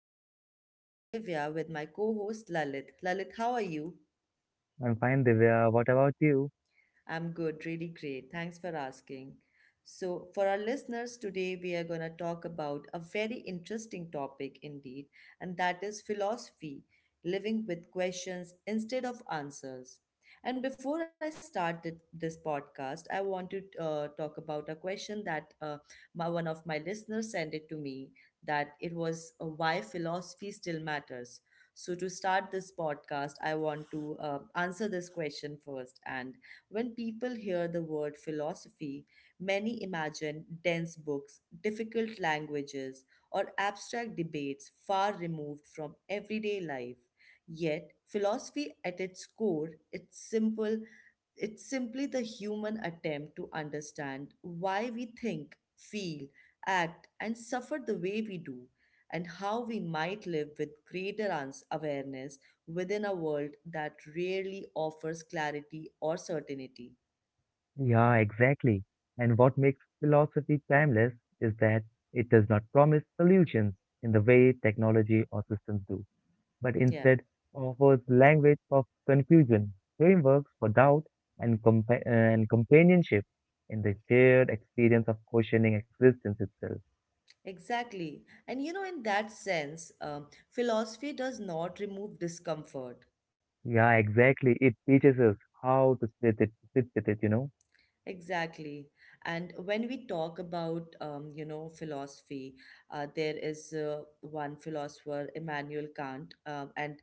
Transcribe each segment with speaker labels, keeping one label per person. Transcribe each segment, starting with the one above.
Speaker 1: And I'm your host Divya with my co host Lalit. Lalit, how are you?
Speaker 2: I'm fine, Divya. What about you?
Speaker 1: I'm good, really great. Thanks for asking. So, for our listeners today, we are going to talk about a very interesting topic indeed, and that is philosophy, living with questions instead of answers. And before I start this podcast, I want to talk about a question that one of my listeners sent it to me that it was why philosophy still matters. So to start this podcast, I want to answer this question first, and when people hear the word philosophy, many imagine dense books, difficult languages, or abstract debates far removed from everyday life. Yet, philosophy at its core, it's simple, it's simply the human attempt to understand why we think, feel, act, and suffer the way we do, and how we might live with greater awareness within a world that rarely offers clarity or certainty.
Speaker 2: Yeah, exactly. And what makes philosophy timeless is that it does not promise solutions in the way technology or systems do, but
Speaker 1: Yeah.
Speaker 2: instead offers language of confusion, frameworks for doubt, and, and companionship in the shared experience of questioning existence itself.
Speaker 1: Exactly. And you know, in that sense, philosophy does not remove discomfort.
Speaker 2: Yeah, exactly. It teaches us how to sit with it.
Speaker 1: Exactly. And when we talk about, you know, philosophy, there is one philosopher, Immanuel Kant, um, and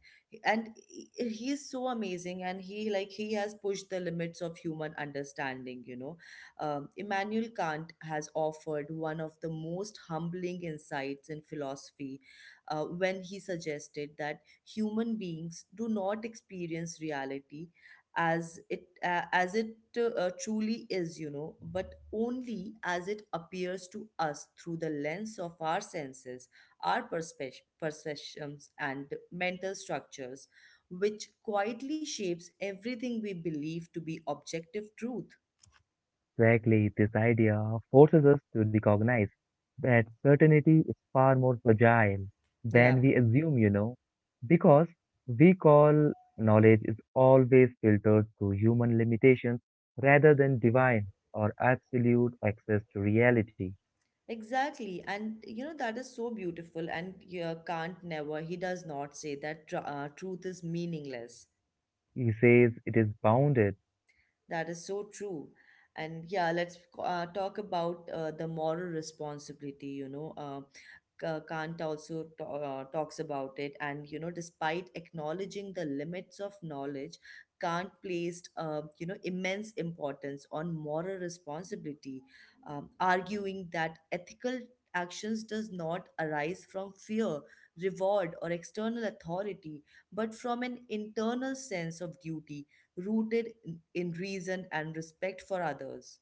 Speaker 1: and he is so amazing, and he has pushed the limits of human understanding. You know, Immanuel Kant has offered one of the most humbling insights in philosophy, when he suggested that human beings do not experience reality as it truly is, you know, but only as it appears to us through the lens of our senses, our perceptions and mental structures, which quietly shapes everything we believe to be objective truth.
Speaker 2: Exactly, this idea forces us to recognize that certainty is far more fragile
Speaker 1: Yeah,
Speaker 2: than we assume, you know, because we call knowledge is always filtered through human limitations rather than divine or absolute access to reality.
Speaker 1: exactly. And you know, that is so beautiful. And yeah, can't never, he does not say that truth is meaningless.
Speaker 2: He says it is bounded.
Speaker 1: That is so true. And yeah, let's talk about the moral responsibility, you know. K- Kant also ta talks about it. And, you know, despite acknowledging the limits of knowledge, Kant placed, you know, immense importance on moral responsibility, arguing that ethical actions does not arise from fear, reward, or external authority, but from an internal sense of duty rooted in reason and respect for others.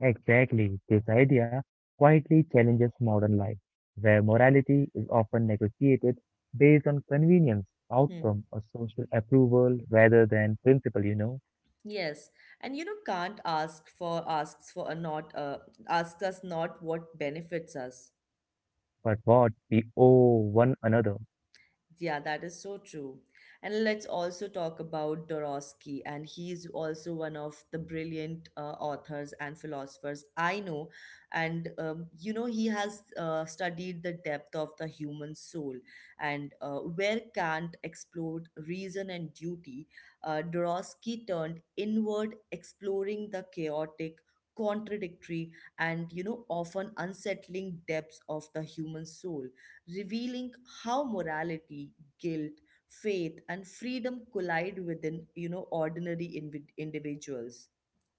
Speaker 2: Exactly. This idea quietly challenges modern life, where morality is often negotiated based on convenience,
Speaker 1: Hmm.
Speaker 2: outcome, or social approval rather than principle, you know.
Speaker 1: Yes, and you know, can't ask for asks for a not asks us not what benefits us.
Speaker 2: But what we owe one another.
Speaker 1: Yeah, that is so true. And let's also talk about Dorosky, and he is also one of the brilliant authors and philosophers I know. And you know, he has studied the depth of the human soul, and where Kant explored reason and duty, Dorosky turned inward, exploring the chaotic, contradictory, and you know, often unsettling depths of the human soul, revealing how morality, guilt, faith, and freedom collide within, you know, ordinary individuals.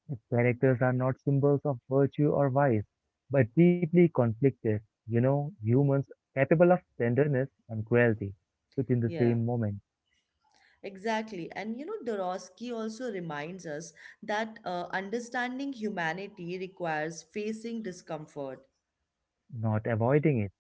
Speaker 2: Its characters are not symbols of virtue or vice, but deeply conflicted, you know, humans capable of tenderness and cruelty within the
Speaker 1: Yeah,
Speaker 2: same moment,
Speaker 1: exactly. And you know, Dorosky also reminds us that understanding humanity requires facing discomfort.
Speaker 2: not avoiding it.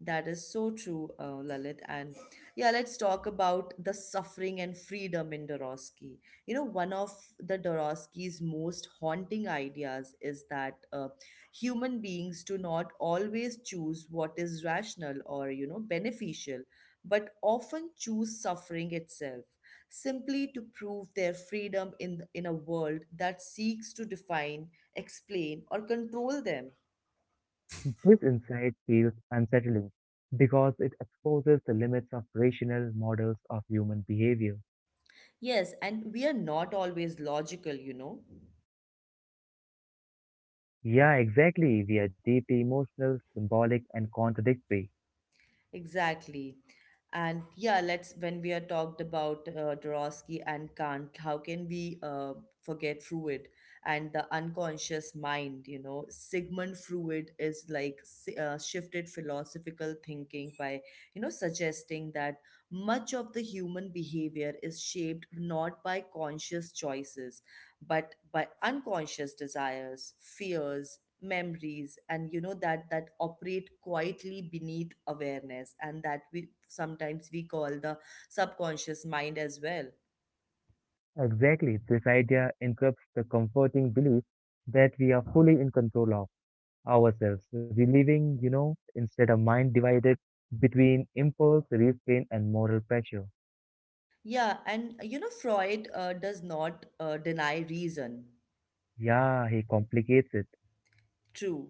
Speaker 1: That is so true, Lalit. And yeah, let's talk about the suffering and freedom in Dorosky. You know, one of the Dorosky's most haunting ideas is that human beings do not always choose what is rational or, you know, beneficial, but often choose suffering itself simply to prove their freedom in a world that seeks to define, explain, or control them.
Speaker 2: This insight feels unsettling because it exposes the limits of rational models of human behavior.
Speaker 1: Yes, and we are not always logical, you know.
Speaker 2: Yeah, exactly. We are deeply emotional, symbolic, and contradictory.
Speaker 1: Exactly. And yeah, let's when we are talked about Dorosky and Kant, how can we forget Freud and the unconscious mind? You know, Sigmund Freud is like shifted philosophical thinking by, you know, suggesting that much of the human behavior is shaped not by conscious choices but by unconscious desires, fears, memories, and you know, that operate quietly beneath awareness, and that we sometimes we call the subconscious mind as well.
Speaker 2: Exactly. This idea interrupts the comforting belief that we are fully in control of ourselves, relieving, you know, instead a mind divided between impulse, restraint, and moral pressure.
Speaker 1: Yeah, and you know, Freud does not deny reason.
Speaker 2: Yeah, he complicates it.
Speaker 1: True.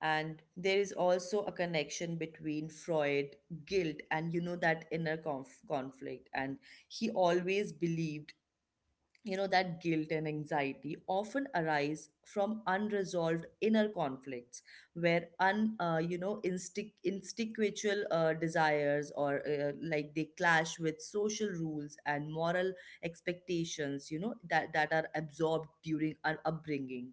Speaker 1: And there is also a connection between Freud, guilt, and you know, that inner conflict. And he always believed, you know, that guilt and anxiety often arise from unresolved inner conflicts, where un you know, instinctual desires or they clash with social rules and moral expectations, you know, that are absorbed during our upbringing.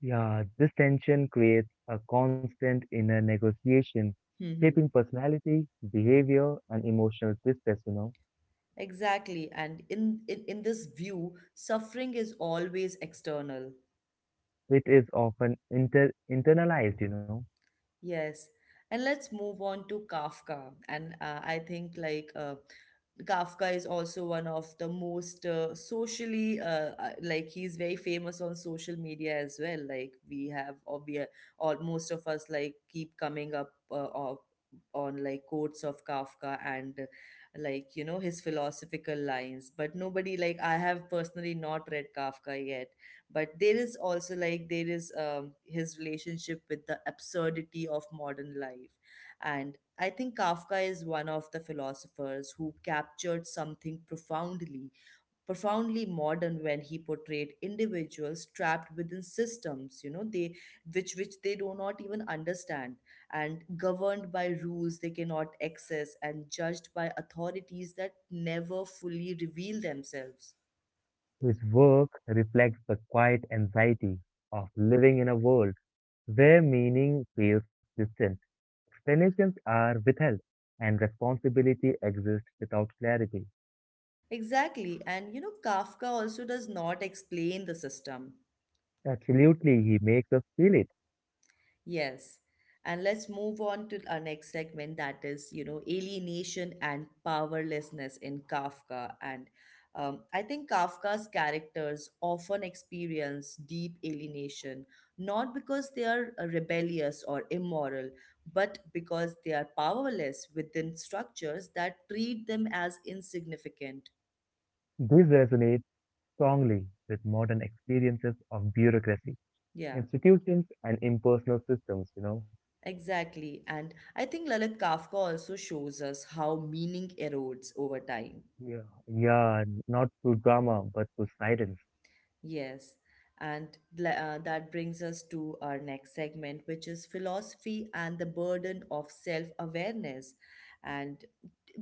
Speaker 2: Yeah, this tension creates a constant inner negotiation,
Speaker 1: Hmm.
Speaker 2: shaping personality, behavior, and emotional distress, you know,
Speaker 1: Exactly. And in this view, suffering is always external.
Speaker 2: it is often internalized, you know.
Speaker 1: Yes. And let's move on to Kafka. And I think Kafka is also one of the most socially like he's very famous on social media as well. Like we have, or we are, or most of us like keep coming up on like quotes of Kafka, and like you know, his philosophical lines. But nobody, like, I have personally not read Kafka yet, but there is also like there is his relationship with the absurdity of modern life. And I think Kafka is one of the philosophers who captured something profoundly modern when he portrayed individuals trapped within systems, you know, they which they do not even understand, and governed by rules they cannot access, and judged by authorities that never fully reveal themselves.
Speaker 2: His work reflects the quiet anxiety of living in a world where meaning feels distant, explanations are withheld, and responsibility exists without clarity.
Speaker 1: Exactly. And you know, Kafka also does not explain the system.
Speaker 2: Absolutely, he makes us feel it.
Speaker 1: Yes. And let's move on to our next segment, that is, you know, alienation and powerlessness in Kafka. And I think Kafka's characters often experience deep alienation, not because they are rebellious or immoral, but because they are powerless within structures that treat them as insignificant.
Speaker 2: This resonates strongly with modern experiences of bureaucracy,
Speaker 1: Yeah.
Speaker 2: institutions and impersonal systems, you know.
Speaker 1: Exactly. And I think, Lalit, Kafka also shows us how meaning erodes over time.
Speaker 2: Yeah. Yeah, not to drama, but to silence.
Speaker 1: Yes, and that brings us to our next segment, which is philosophy and the burden of self awareness. And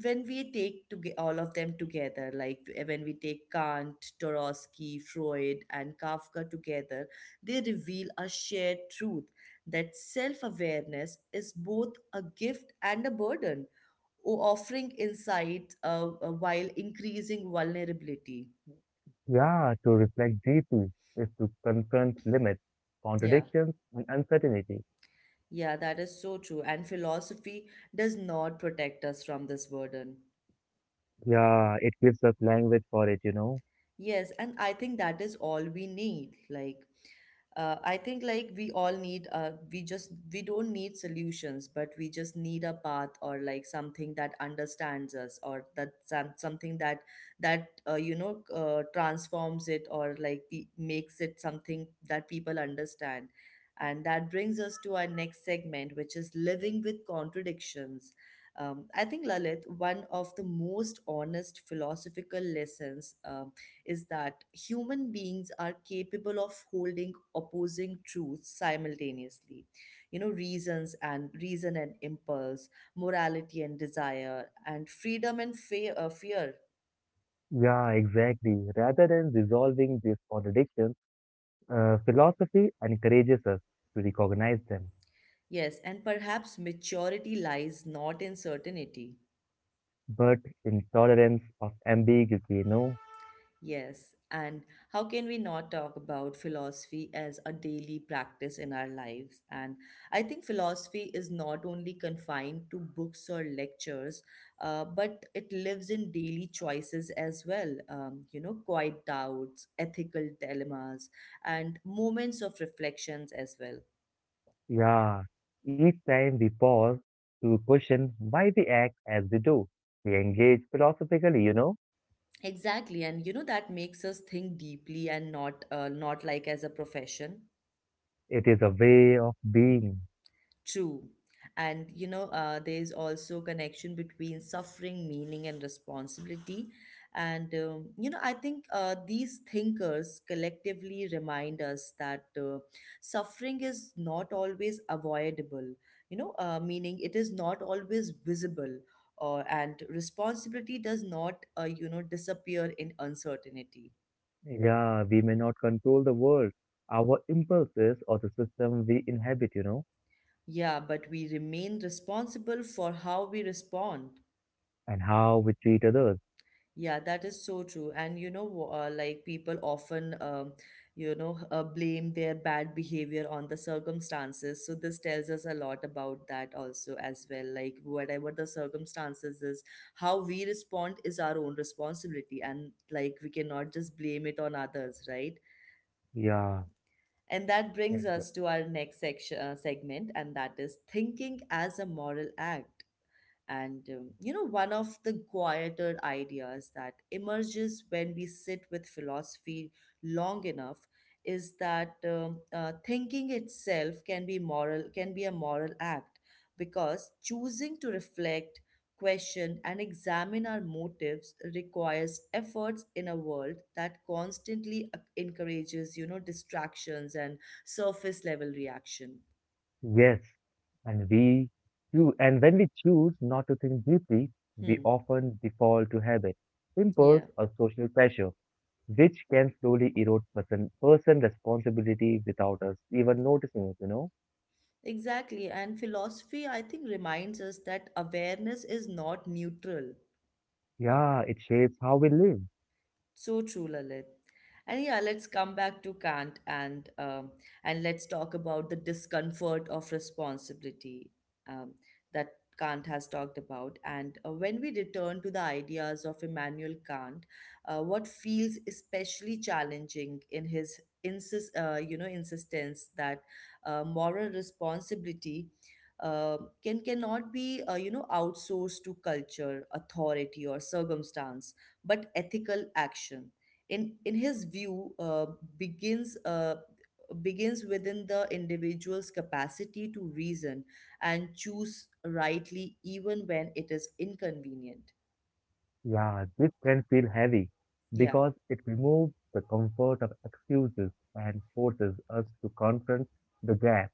Speaker 1: when we take to all of them together, when we take Kant, Tarosky, Freud, and Kafka together, they reveal a shared truth that self awareness is both a gift and a burden, offering insight while increasing vulnerability.
Speaker 2: Yeah, to reflect deeply is to confront limits,
Speaker 1: Yeah.
Speaker 2: contradictions, and uncertainty.
Speaker 1: Yeah, that is so true. And philosophy does not protect us from this burden.
Speaker 2: Yeah, it gives us language for it, you know.
Speaker 1: Yes, and I think that is all we need. Like, I think like we all need. We just we don't need solutions, but we just need a path, or like something that understands us, or something that you know, transforms it, or like makes it something that people understand. And that brings us to our next segment, which is living with contradictions. I think, Lalit, one of the most honest philosophical lessons, is that human beings are capable of holding opposing truths simultaneously, you know, reason and impulse, morality and desire, and freedom and fear.
Speaker 2: Yeah, exactly. Rather than resolving these contradictions, philosophy encourages us to recognize them.
Speaker 1: Yes, and perhaps maturity lies not in certainty.
Speaker 2: But in tolerance of ambiguity, you know.
Speaker 1: Yes, and how can we not talk about philosophy as a daily practice in our lives? And I think philosophy is not only confined to books or lectures, but it lives in daily choices as well. You know, quiet doubts, ethical dilemmas, and moments of reflections as well.
Speaker 2: Yeah, each time we pause to question why we act as we do, we engage philosophically, you know.
Speaker 1: Exactly, and you know, that makes us think deeply and not like as a profession.
Speaker 2: It is a way of being.
Speaker 1: True. And you know, there is also connection between suffering, meaning, and responsibility. And you know, I think these thinkers collectively remind us that suffering is not always avoidable. You know, meaning it is not always visible, or and responsibility does not, you know, disappear in uncertainty.
Speaker 2: Yeah, we may not control the world, our impulses or the system we inhabit, you know,
Speaker 1: Yeah, but we remain responsible for how we respond.
Speaker 2: and how we treat others.
Speaker 1: Yeah, that is so true. And you know, like people often, you know, blame their bad behavior on the circumstances. So this tells us a lot about that also as well. Like whatever the circumstances is, how we respond is our own responsibility, and like we cannot just blame it on others, right?
Speaker 2: Yeah,
Speaker 1: And that brings
Speaker 2: exactly.
Speaker 1: us to our next section segment, and that is thinking as a moral act. And you know, one of the quieter ideas that emerges when we sit with philosophy long enough is that thinking itself can be moral, can be a moral act, because choosing to reflect, question, and examine our motives requires efforts in a world that constantly encourages, you know, distractions and surface level reaction.
Speaker 2: Yes, and we choo- and when we choose not to think deeply, we
Speaker 1: Hmm.
Speaker 2: often default to habit, impulse,
Speaker 1: Yeah.
Speaker 2: or social pressure, which can slowly erode person responsibility without us even noticing it, you know.
Speaker 1: Exactly, and philosophy, I think, reminds us that awareness is not neutral.
Speaker 2: Yeah, it shapes how we live.
Speaker 1: So true, Lalit. And yeah, let's come back to Kant, and let's talk about the discomfort of responsibility um, that Kant has talked about. And when we return to the ideas of Immanuel Kant, what feels especially challenging in his you know, insistence that moral responsibility uh, cannot be, you know, outsourced to culture, authority, or circumstance, but ethical action, in his view, begins uh, begins within the individual's capacity to reason and choose rightly, even when it is inconvenient.
Speaker 2: Yeah, this can feel heavy
Speaker 1: Yeah,
Speaker 2: because it removes the comfort of excuses and forces us to confront the gap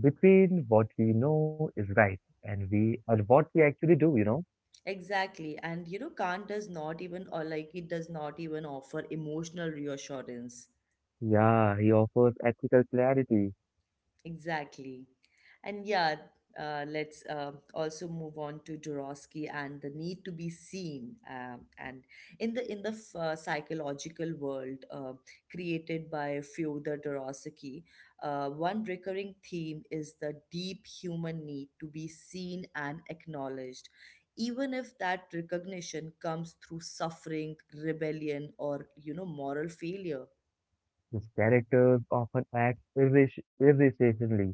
Speaker 2: between what we know is right and what we actually do, you know.
Speaker 1: exactly. And you know, Kant does not even, or like, he does not even offer emotional reassurance.
Speaker 2: Yeah, he offers ethical clarity.
Speaker 1: Exactly. And yeah, let's also move on to Jurowski and the need to be seen. And in the psychological world created by Fyodor Jurowski, one recurring theme is the deep human need to be seen and acknowledged, even if that recognition comes through suffering, rebellion, or moral failure.
Speaker 2: These characters often act irritatingly,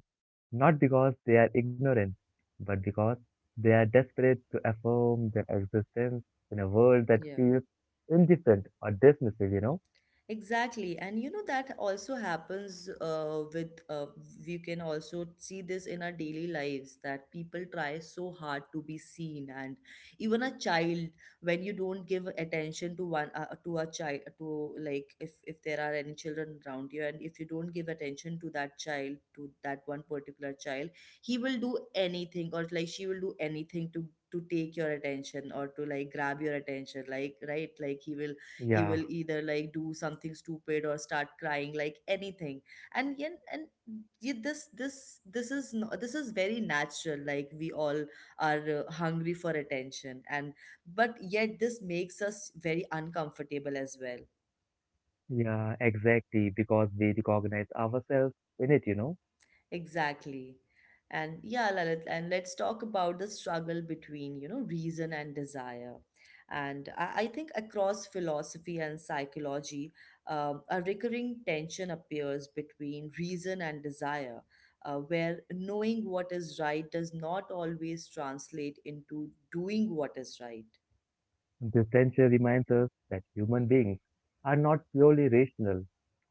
Speaker 2: not because they are ignorant, but because they are desperate to affirm their existence in a world that
Speaker 1: Yeah.
Speaker 2: feels indifferent or dismissive, you know?
Speaker 1: Exactly. And you know, that also happens with, we can also see this in our daily lives that people try so hard to be seen. And even a child, when you don't give attention to one, to a child, to like if there are any children around you, and if you don't give attention to that child, to that one particular child, he will do anything or like she will do anything to take your attention or to like grab your attention like right like he will he
Speaker 2: Yeah,
Speaker 1: will either like do something stupid or start crying like anything and yeah, this is no, this is very natural like we all are hungry for attention and but yet this makes us very uncomfortable as well.
Speaker 2: yeah, exactly, because we recognize ourselves in it, you know.
Speaker 1: Exactly. And yeah, Lalit, and let's talk about the struggle between, you know, reason and desire. And I think across philosophy and psychology, a recurring tension appears between reason and desire, where knowing what is right does not always translate into doing what is right.
Speaker 2: This tension reminds us that human beings are not purely rational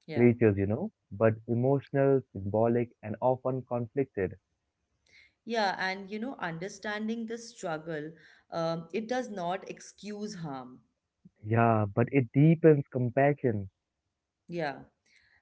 Speaker 1: Yeah.
Speaker 2: creatures, you know, but emotional, symbolic, and often conflicted.
Speaker 1: Yeah, and you know, understanding this struggle, it does not excuse harm.
Speaker 2: Yeah, but it deepens compassion.
Speaker 1: Yeah.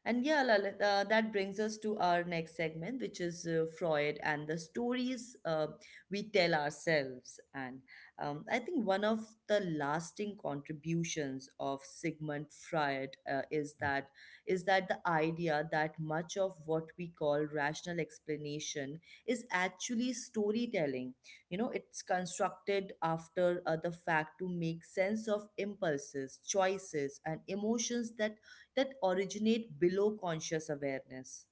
Speaker 1: And yeah, Lalit, that brings us to our next segment, which is Freud and the stories we tell ourselves. And I think one of the lasting contributions of Sigmund Freud is that the idea that much of what we call rational explanation is actually storytelling. You know, it's constructed after the fact to make sense of impulses, choices, and emotions that originate below conscious awareness.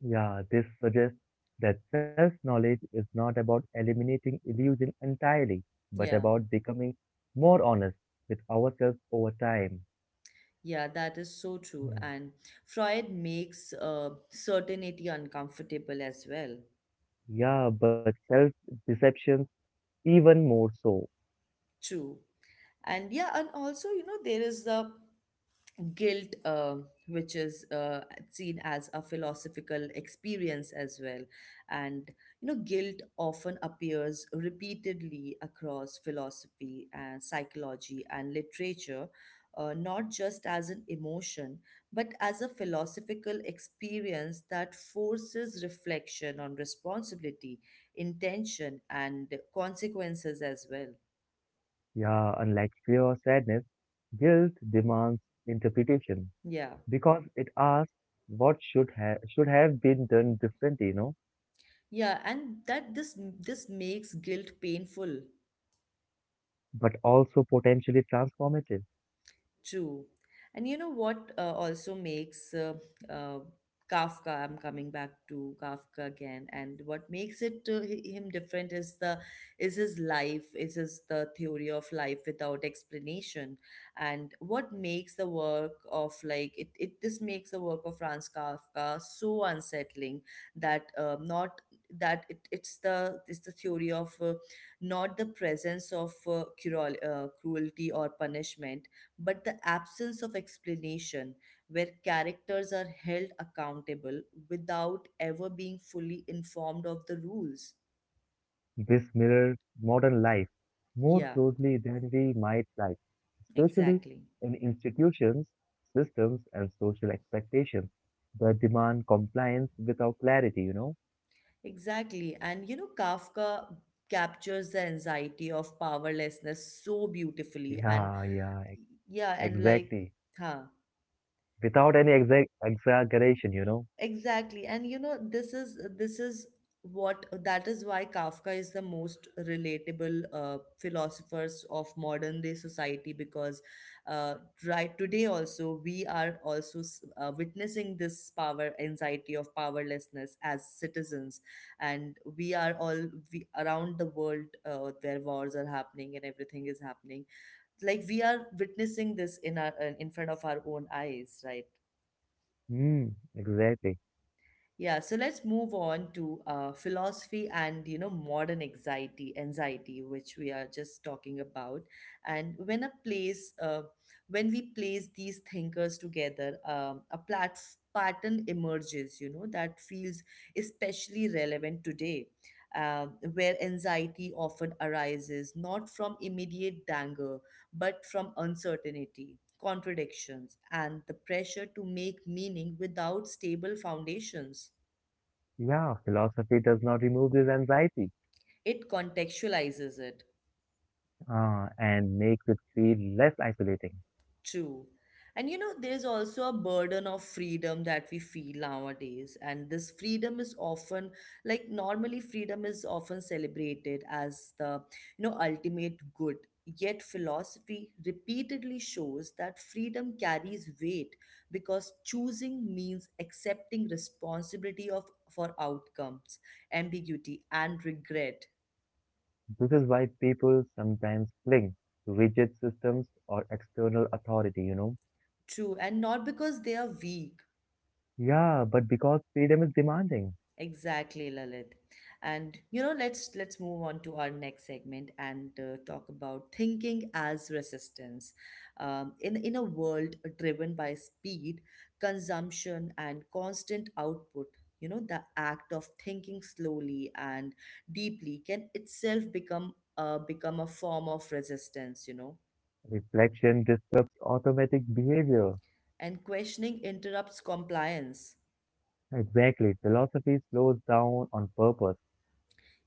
Speaker 2: Yeah, this suggests that self knowledge is not about eliminating illusion entirely, but
Speaker 1: Yeah,
Speaker 2: about becoming more honest with ourselves over time.
Speaker 1: yeah, that is so true.
Speaker 2: Mm.
Speaker 1: And Freud makes certainty uncomfortable as well.
Speaker 2: Yeah, but self deceptions even more so.
Speaker 1: True. And yeah, and also, you know, there is the guilt, which is seen as a philosophical experience as well. And, you know, guilt often appears repeatedly across philosophy and psychology and literature, not just as an emotion, but as a philosophical experience that forces reflection on responsibility, intention, and consequences as well.
Speaker 2: Yeah, unlike fear or sadness, guilt demands interpretation
Speaker 1: Yeah.
Speaker 2: because it asks what should have been done differently, you know,
Speaker 1: Yeah, and that this makes guilt painful.
Speaker 2: but also potentially transformative.
Speaker 1: True. And you know what also makes uh, Kafka, I'm coming back to Kafka again, and what makes it him different is the is his life, is his the theory of life without explanation. And what makes the work of like it this makes the work of Franz Kafka so unsettling that not it's the it's the theory of not the presence of cruelty or punishment but the absence of explanation, where characters are held accountable without ever being fully informed of the rules.
Speaker 2: This mirrors modern life more
Speaker 1: Yeah,
Speaker 2: closely than we might like, especially
Speaker 1: exactly.
Speaker 2: in institutions, systems, and social expectations that demand compliance without clarity, you know?
Speaker 1: Exactly. And you know, Kafka captures the anxiety of powerlessness so beautifully. And
Speaker 2: Yeah, yeah, ex-
Speaker 1: yeah, and like,
Speaker 2: exactly.
Speaker 1: huh.
Speaker 2: Without any exact exaggeration, you know?
Speaker 1: Exactly. And you know, this is what that is why Kafka is the most relatable philosophers of modern day society because uh, right today also we are also witnessing this power anxiety of powerlessness as citizens and we are all we, around the world where wars are happening and everything is happening like we are witnessing this in our in front of our own eyes right.
Speaker 2: Hmm, exactly.
Speaker 1: Yeah, so let's move on to philosophy and you know modern anxiety, anxiety, which we are just talking about. And when a place, when we place these thinkers together, a pattern emerges. You know that feels especially relevant today, where anxiety often arises not from immediate danger but from uncertainty, contradictions, and the pressure to make meaning without stable foundations.
Speaker 2: Yeah, philosophy does not remove this anxiety,
Speaker 1: It contextualizes it.
Speaker 2: and makes it feel less isolating.
Speaker 1: True. And you know, there's also a burden of freedom that we feel nowadays. And this freedom is often, like, normally, freedom is often celebrated as the, you know, ultimate good. Yet, philosophy repeatedly shows that freedom carries weight because choosing means accepting responsibility of, for outcomes, ambiguity, and regret.
Speaker 2: This is why people sometimes cling to rigid systems or external authority, you know.
Speaker 1: True. And not because they are weak.
Speaker 2: Yeah, but because freedom is demanding,
Speaker 1: Exactly, Lalit. And you know, let's move on to our next segment and talk about thinking as resistance. In a world driven by speed, consumption, and constant output, you know, the act of thinking slowly and deeply can itself become become a form of resistance. You know,
Speaker 2: reflection disrupts automatic behavior.
Speaker 1: and questioning interrupts compliance.
Speaker 2: Exactly, philosophy slows down on purpose.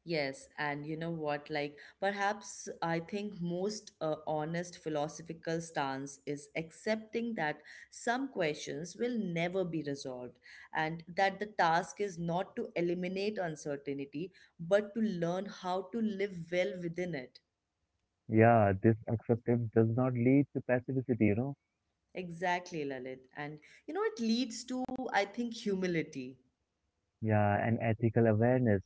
Speaker 1: Yes, and you know what? Like, perhaps I think most honest philosophical stance is accepting that some questions will never be resolved, and that the task is not to eliminate uncertainty, but to learn how to live well within it.
Speaker 2: Yeah, this acceptance does not lead to passivity, you know.
Speaker 1: Exactly, Lalit. And you know, it leads to, I think, humility.
Speaker 2: Yeah, and ethical awareness.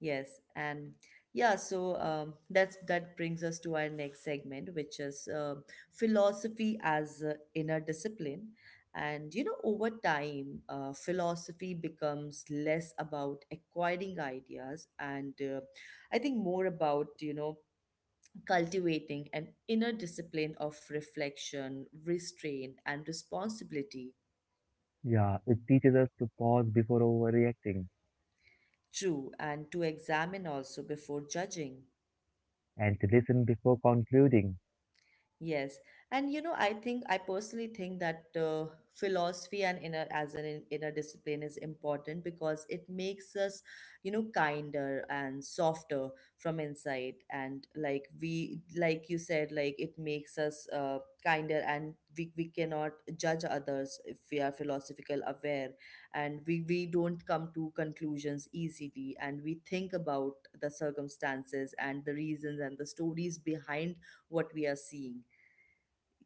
Speaker 1: Yes, and yeah, so that's that brings us to our next segment, which is philosophy as inner discipline. And you know, over time, philosophy becomes less about acquiring ideas and I think more about, you know, cultivating an inner discipline of reflection, restraint, and responsibility.
Speaker 2: Yeah, it teaches us to pause before overreacting
Speaker 1: True, and to examine also before judging.
Speaker 2: and to listen before concluding.
Speaker 1: Yes, and you know, I think I personally think that philosophy and inner as an inner discipline is important because it makes us, you know, kinder and softer from inside, and like we, like you said, like it makes us kinder, and we cannot judge others if we are philosophical aware, and we don't come to conclusions easily, and we think about the circumstances and the reasons and the stories behind what we are seeing.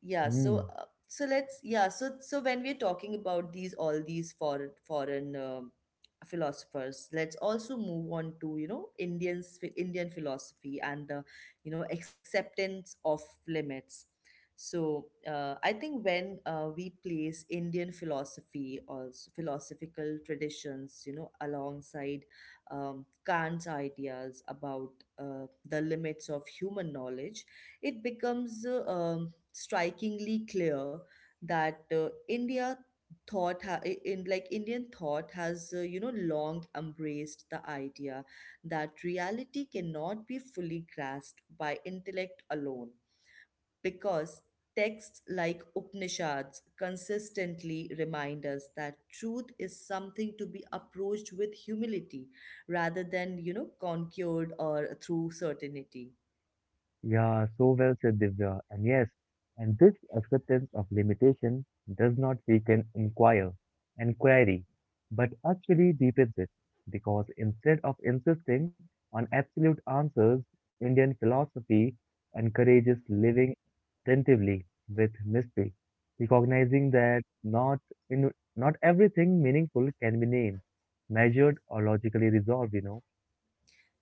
Speaker 1: Yeah, so
Speaker 2: Hmm.
Speaker 1: so when we're talking about these all these foreign philosophers, let's also move on to you know Indians Indian philosophy and the you know acceptance of limits. So I think when we place Indian philosophy or philosophical traditions, you know, alongside Kant's ideas about the limits of human knowledge, it becomes strikingly clear that India thought ha- I- in like Indian thought has you know long embraced the idea that reality cannot be fully grasped by intellect alone because texts like Upanishads consistently remind us that truth is something to be approached with humility rather than you know conquered or through certainty.
Speaker 2: Yeah, so well said, Divya. And yes, and this acceptance of limitation does not weaken inquiry, but actually deepens it, because instead of insisting on absolute answers, Indian philosophy encourages living attentively with mystery, recognizing that in, not everything meaningful can be named, measured, or logically resolved. You know.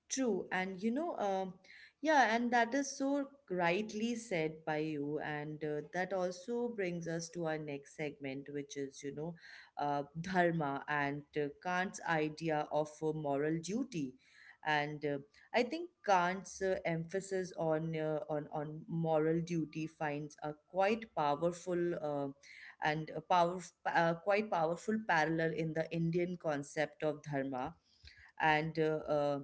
Speaker 1: True, and you know, yeah, and that is so rightly said by you, and that also brings us to our next segment, which is, you know, dharma and Kant's idea of moral duty, and I think Kant's emphasis on on moral duty finds a quite powerful and a power quite powerful parallel in the Indian concept of dharma and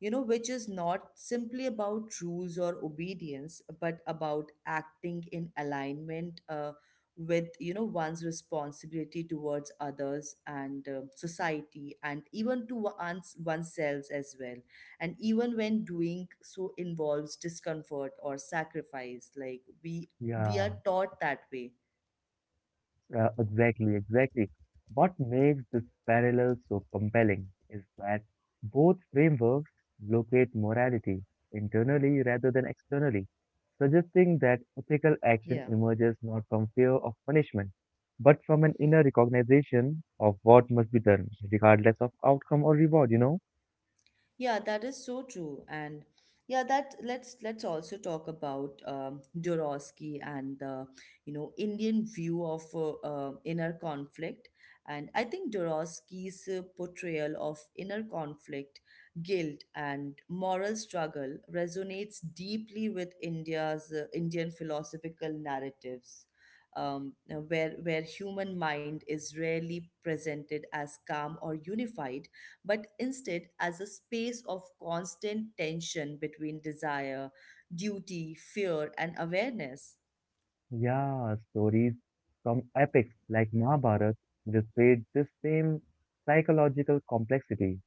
Speaker 1: you know which is not simply about rules or obedience but about acting in alignment with you know one's responsibility towards others and society and even to one's oneself as well and even when doing so involves discomfort or sacrifice like we
Speaker 2: Yeah.
Speaker 1: are taught that way.
Speaker 2: Exactly. What makes this parallel so compelling is that both frameworks locate morality internally rather than externally, suggesting that ethical action
Speaker 1: Yeah.
Speaker 2: emerges not from fear of punishment, but from an inner recognition of what must be done, regardless of outcome or reward, you know?
Speaker 1: Yeah, that is so true. And yeah, that let's also talk about Dorosky and the you know Indian view of inner conflict. And I think Dorosky's portrayal of inner conflict, guilt, and moral struggle resonates deeply with India's Indian philosophical narratives. Um, where human mind is rarely presented as calm or unified but instead as a space of constant tension between desire, duty, fear, and awareness.
Speaker 2: Yeah, stories from epics like Mahabharata illustrate this same psychological complexity,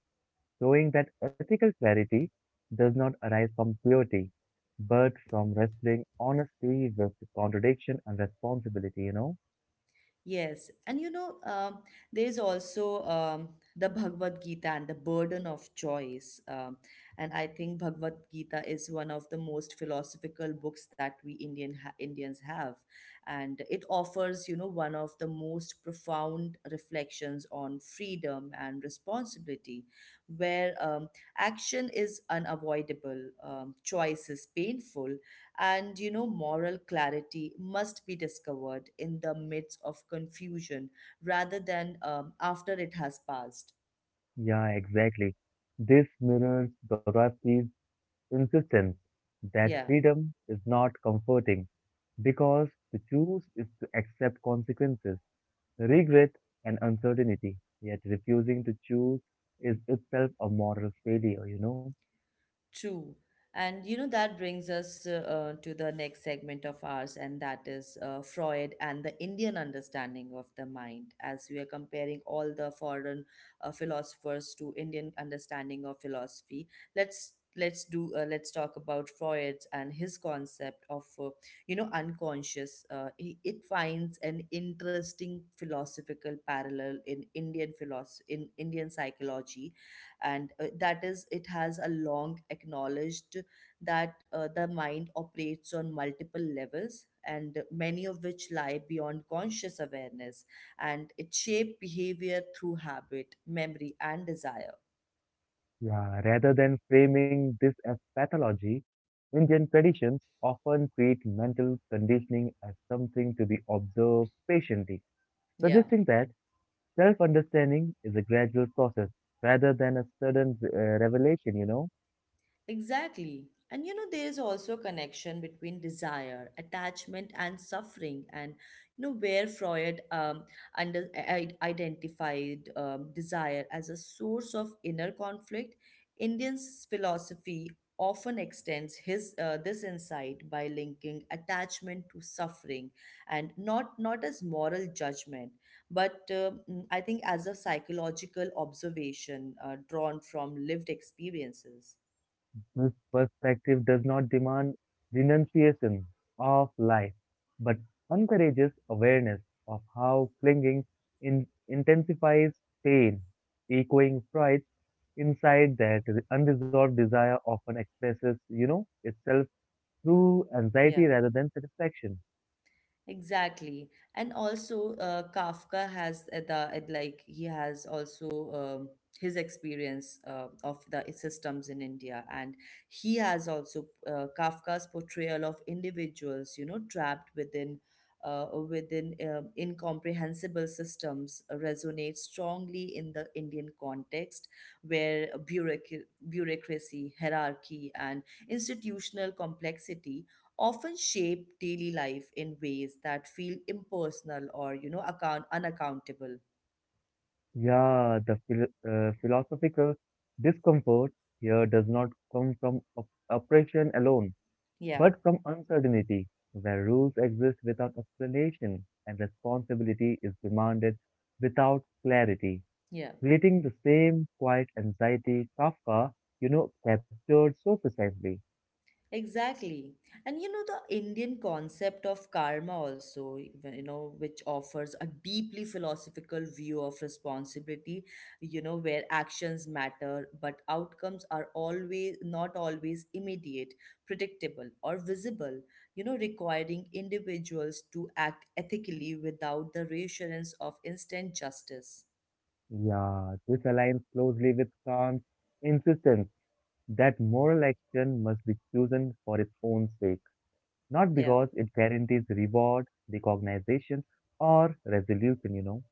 Speaker 2: showing that ethical clarity does not arise from purity, but from wrestling honestly with contradiction and responsibility, you know?
Speaker 1: Yes, and you know, there's also the Bhagavad Gita and the burden of choice. And I think Bhagavad Gita is one of the most philosophical books that we Indians have, and it offers, you know, one of the most profound reflections on freedom and responsibility, where action is unavoidable, choice is painful, and you know moral clarity must be discovered in the midst of confusion rather than after it has passed.
Speaker 2: Yeah, exactly. This mirrors Dorothy's insistence that
Speaker 1: Yeah.
Speaker 2: freedom is not comforting because to choose is to accept consequences, regret, and uncertainty, yet refusing to choose is itself a moral failure, you know?
Speaker 1: True. And you know, that brings us to the next segment of ours, and that is Freud and the Indian understanding of the mind, as we are comparing all the foreign philosophers to Indian understanding of philosophy. Let's talk about Freud and his concept of you know unconscious. It finds an interesting philosophical parallel in Indian philosophy in Indian psychology and that is it has a long acknowledged that the mind operates on multiple levels and many of which lie beyond conscious awareness and it shape behavior through habit memory and desire.
Speaker 2: Yeah, rather than framing this as pathology, Indian traditions often treat mental conditioning as something to be observed patiently,
Speaker 1: Yeah.
Speaker 2: suggesting that self understanding is a gradual process rather than a sudden revelation, you know.
Speaker 1: Exactly. And you know, there is also a connection between desire, attachment, and suffering. And you know, where Freud identified desire as a source of inner conflict, Indian's philosophy often extends his this insight by linking attachment to suffering and not as moral judgment but I think as a psychological observation drawn from lived experiences.
Speaker 2: This perspective does not demand renunciation of life, but encourages awareness of how clinging intensifies pain, echoing Freud's insight that the unresolved desire often expresses, you know, itself through anxiety
Speaker 1: Yeah.
Speaker 2: rather than satisfaction.
Speaker 1: Exactly. And also, Kafka has the like he has also his experience of the systems in India, and he has also Kafka's portrayal of individuals, you know, trapped within incomprehensible systems resonates strongly in the Indian context, where bureaucracy, hierarchy, and institutional complexity often shape daily life in ways that feel impersonal or you know account unaccountable.
Speaker 2: Yeah, the philosophical discomfort here does not come from oppression alone
Speaker 1: Yeah.
Speaker 2: but from uncertainty, where rules exist without explanation and responsibility is demanded without clarity,
Speaker 1: Yeah.
Speaker 2: creating the same quiet anxiety Kafka, you know, captured so precisely.
Speaker 1: Exactly. And you know, the Indian concept of karma also, you know, which offers a deeply philosophical view of responsibility, you know, where actions matter, but outcomes are always not always immediate, predictable, or visible, you know, requiring individuals to act ethically without the reassurance of instant justice.
Speaker 2: Yeah, this aligns closely with Kant's insistence that moral action must be chosen for its own sake, not
Speaker 1: Yeah.
Speaker 2: because it guarantees reward, recognition, or resolution, you know.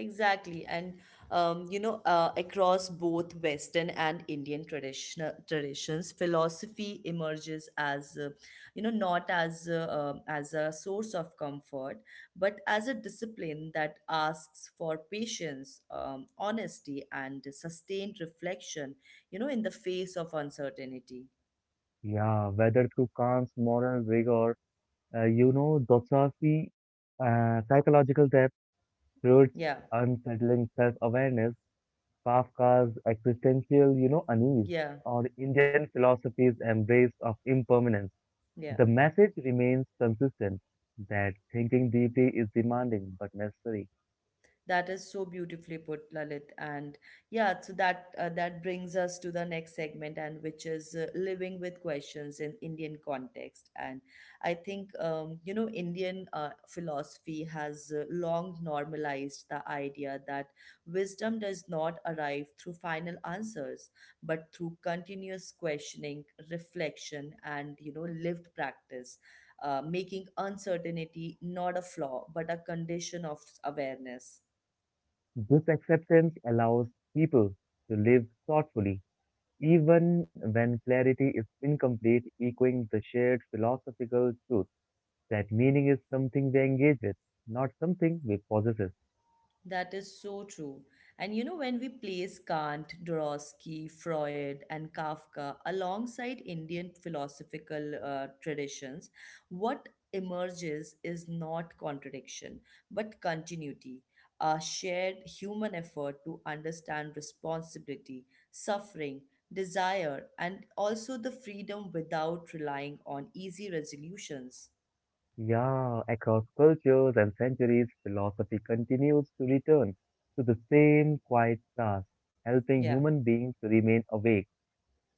Speaker 1: Exactly, and across both Western and Indian traditional traditions, philosophy emerges as not as a, as a source of comfort, but as a discipline that asks for patience, honesty, and sustained reflection. You know, in the face of uncertainty.
Speaker 2: Yeah, whether through Kant's moral rigor, you know, Dostoevsky, psychological depth, Freud's
Speaker 1: Yeah,
Speaker 2: unsettling self-awareness, Kafka's existential, you know, unease,
Speaker 1: yeah,
Speaker 2: or Indian philosophy's embrace of impermanence.
Speaker 1: yeah.
Speaker 2: The message remains consistent that thinking deeply is demanding but necessary.
Speaker 1: That is so beautifully put, Lalit. And yeah, so that that brings us to the next segment, and which is living with questions in Indian context. And I think you know Indian philosophy has long normalized the idea that wisdom does not arrive through final answers, but through continuous questioning, reflection, and you know lived practice. Making uncertainty not a flaw but a condition of awareness.
Speaker 2: This acceptance allows people to live thoughtfully, even when clarity is incomplete, echoing the shared philosophical truth that meaning is something we engage with, not something we possess.
Speaker 1: That is so true. And you know, when we place Kant, Dorosky, Freud, and Kafka alongside Indian philosophical traditions, what emerges is not contradiction, but continuity, a shared human effort to understand responsibility, suffering, desire, and also the freedom without relying on easy resolutions.
Speaker 2: Yeah, across cultures and centuries, philosophy continues to return to the same quiet task, helping
Speaker 1: Yeah.
Speaker 2: human beings to remain awake,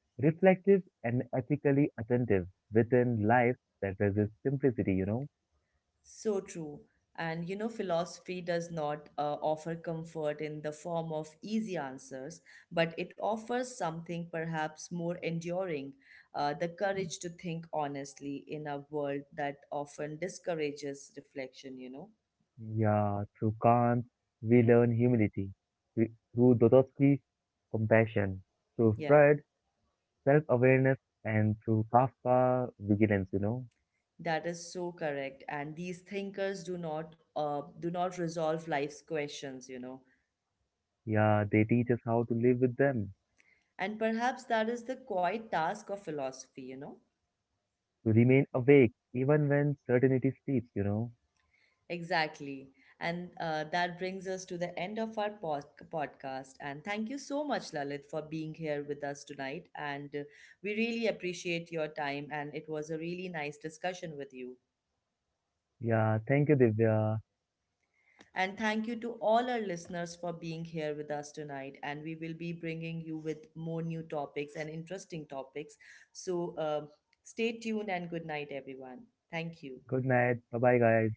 Speaker 2: reflective, and ethically attentive within life that resists simplicity, you know?
Speaker 1: So true. And you know, philosophy does not offer comfort in the form of easy answers, but it offers something perhaps more enduring the courage to think honestly in a world that often discourages reflection, you know?
Speaker 2: Yeah, through Kant, we learn humility, through Dostoevsky, compassion, through
Speaker 1: Yeah.
Speaker 2: Freud, self awareness, and through Kafka, vigilance, you know?
Speaker 1: That is so correct. And these thinkers do not resolve life's questions, you know.
Speaker 2: Yeah, they teach us how to live with them,
Speaker 1: And perhaps that is the quiet task of philosophy, you know.
Speaker 2: to remain awake even when certainty sleeps, you know.
Speaker 1: Exactly. And that brings us to the end of our podcast. And thank you so much, Lalit, for being here with us tonight. And we really appreciate your time. And it was a really nice discussion with you.
Speaker 2: Yeah, thank you, Divya.
Speaker 1: And thank you to all our listeners for being here with us tonight. And we will be bringing you with more new topics and interesting topics. So stay tuned and good night, everyone. Thank you.
Speaker 2: Good night. Bye bye, guys.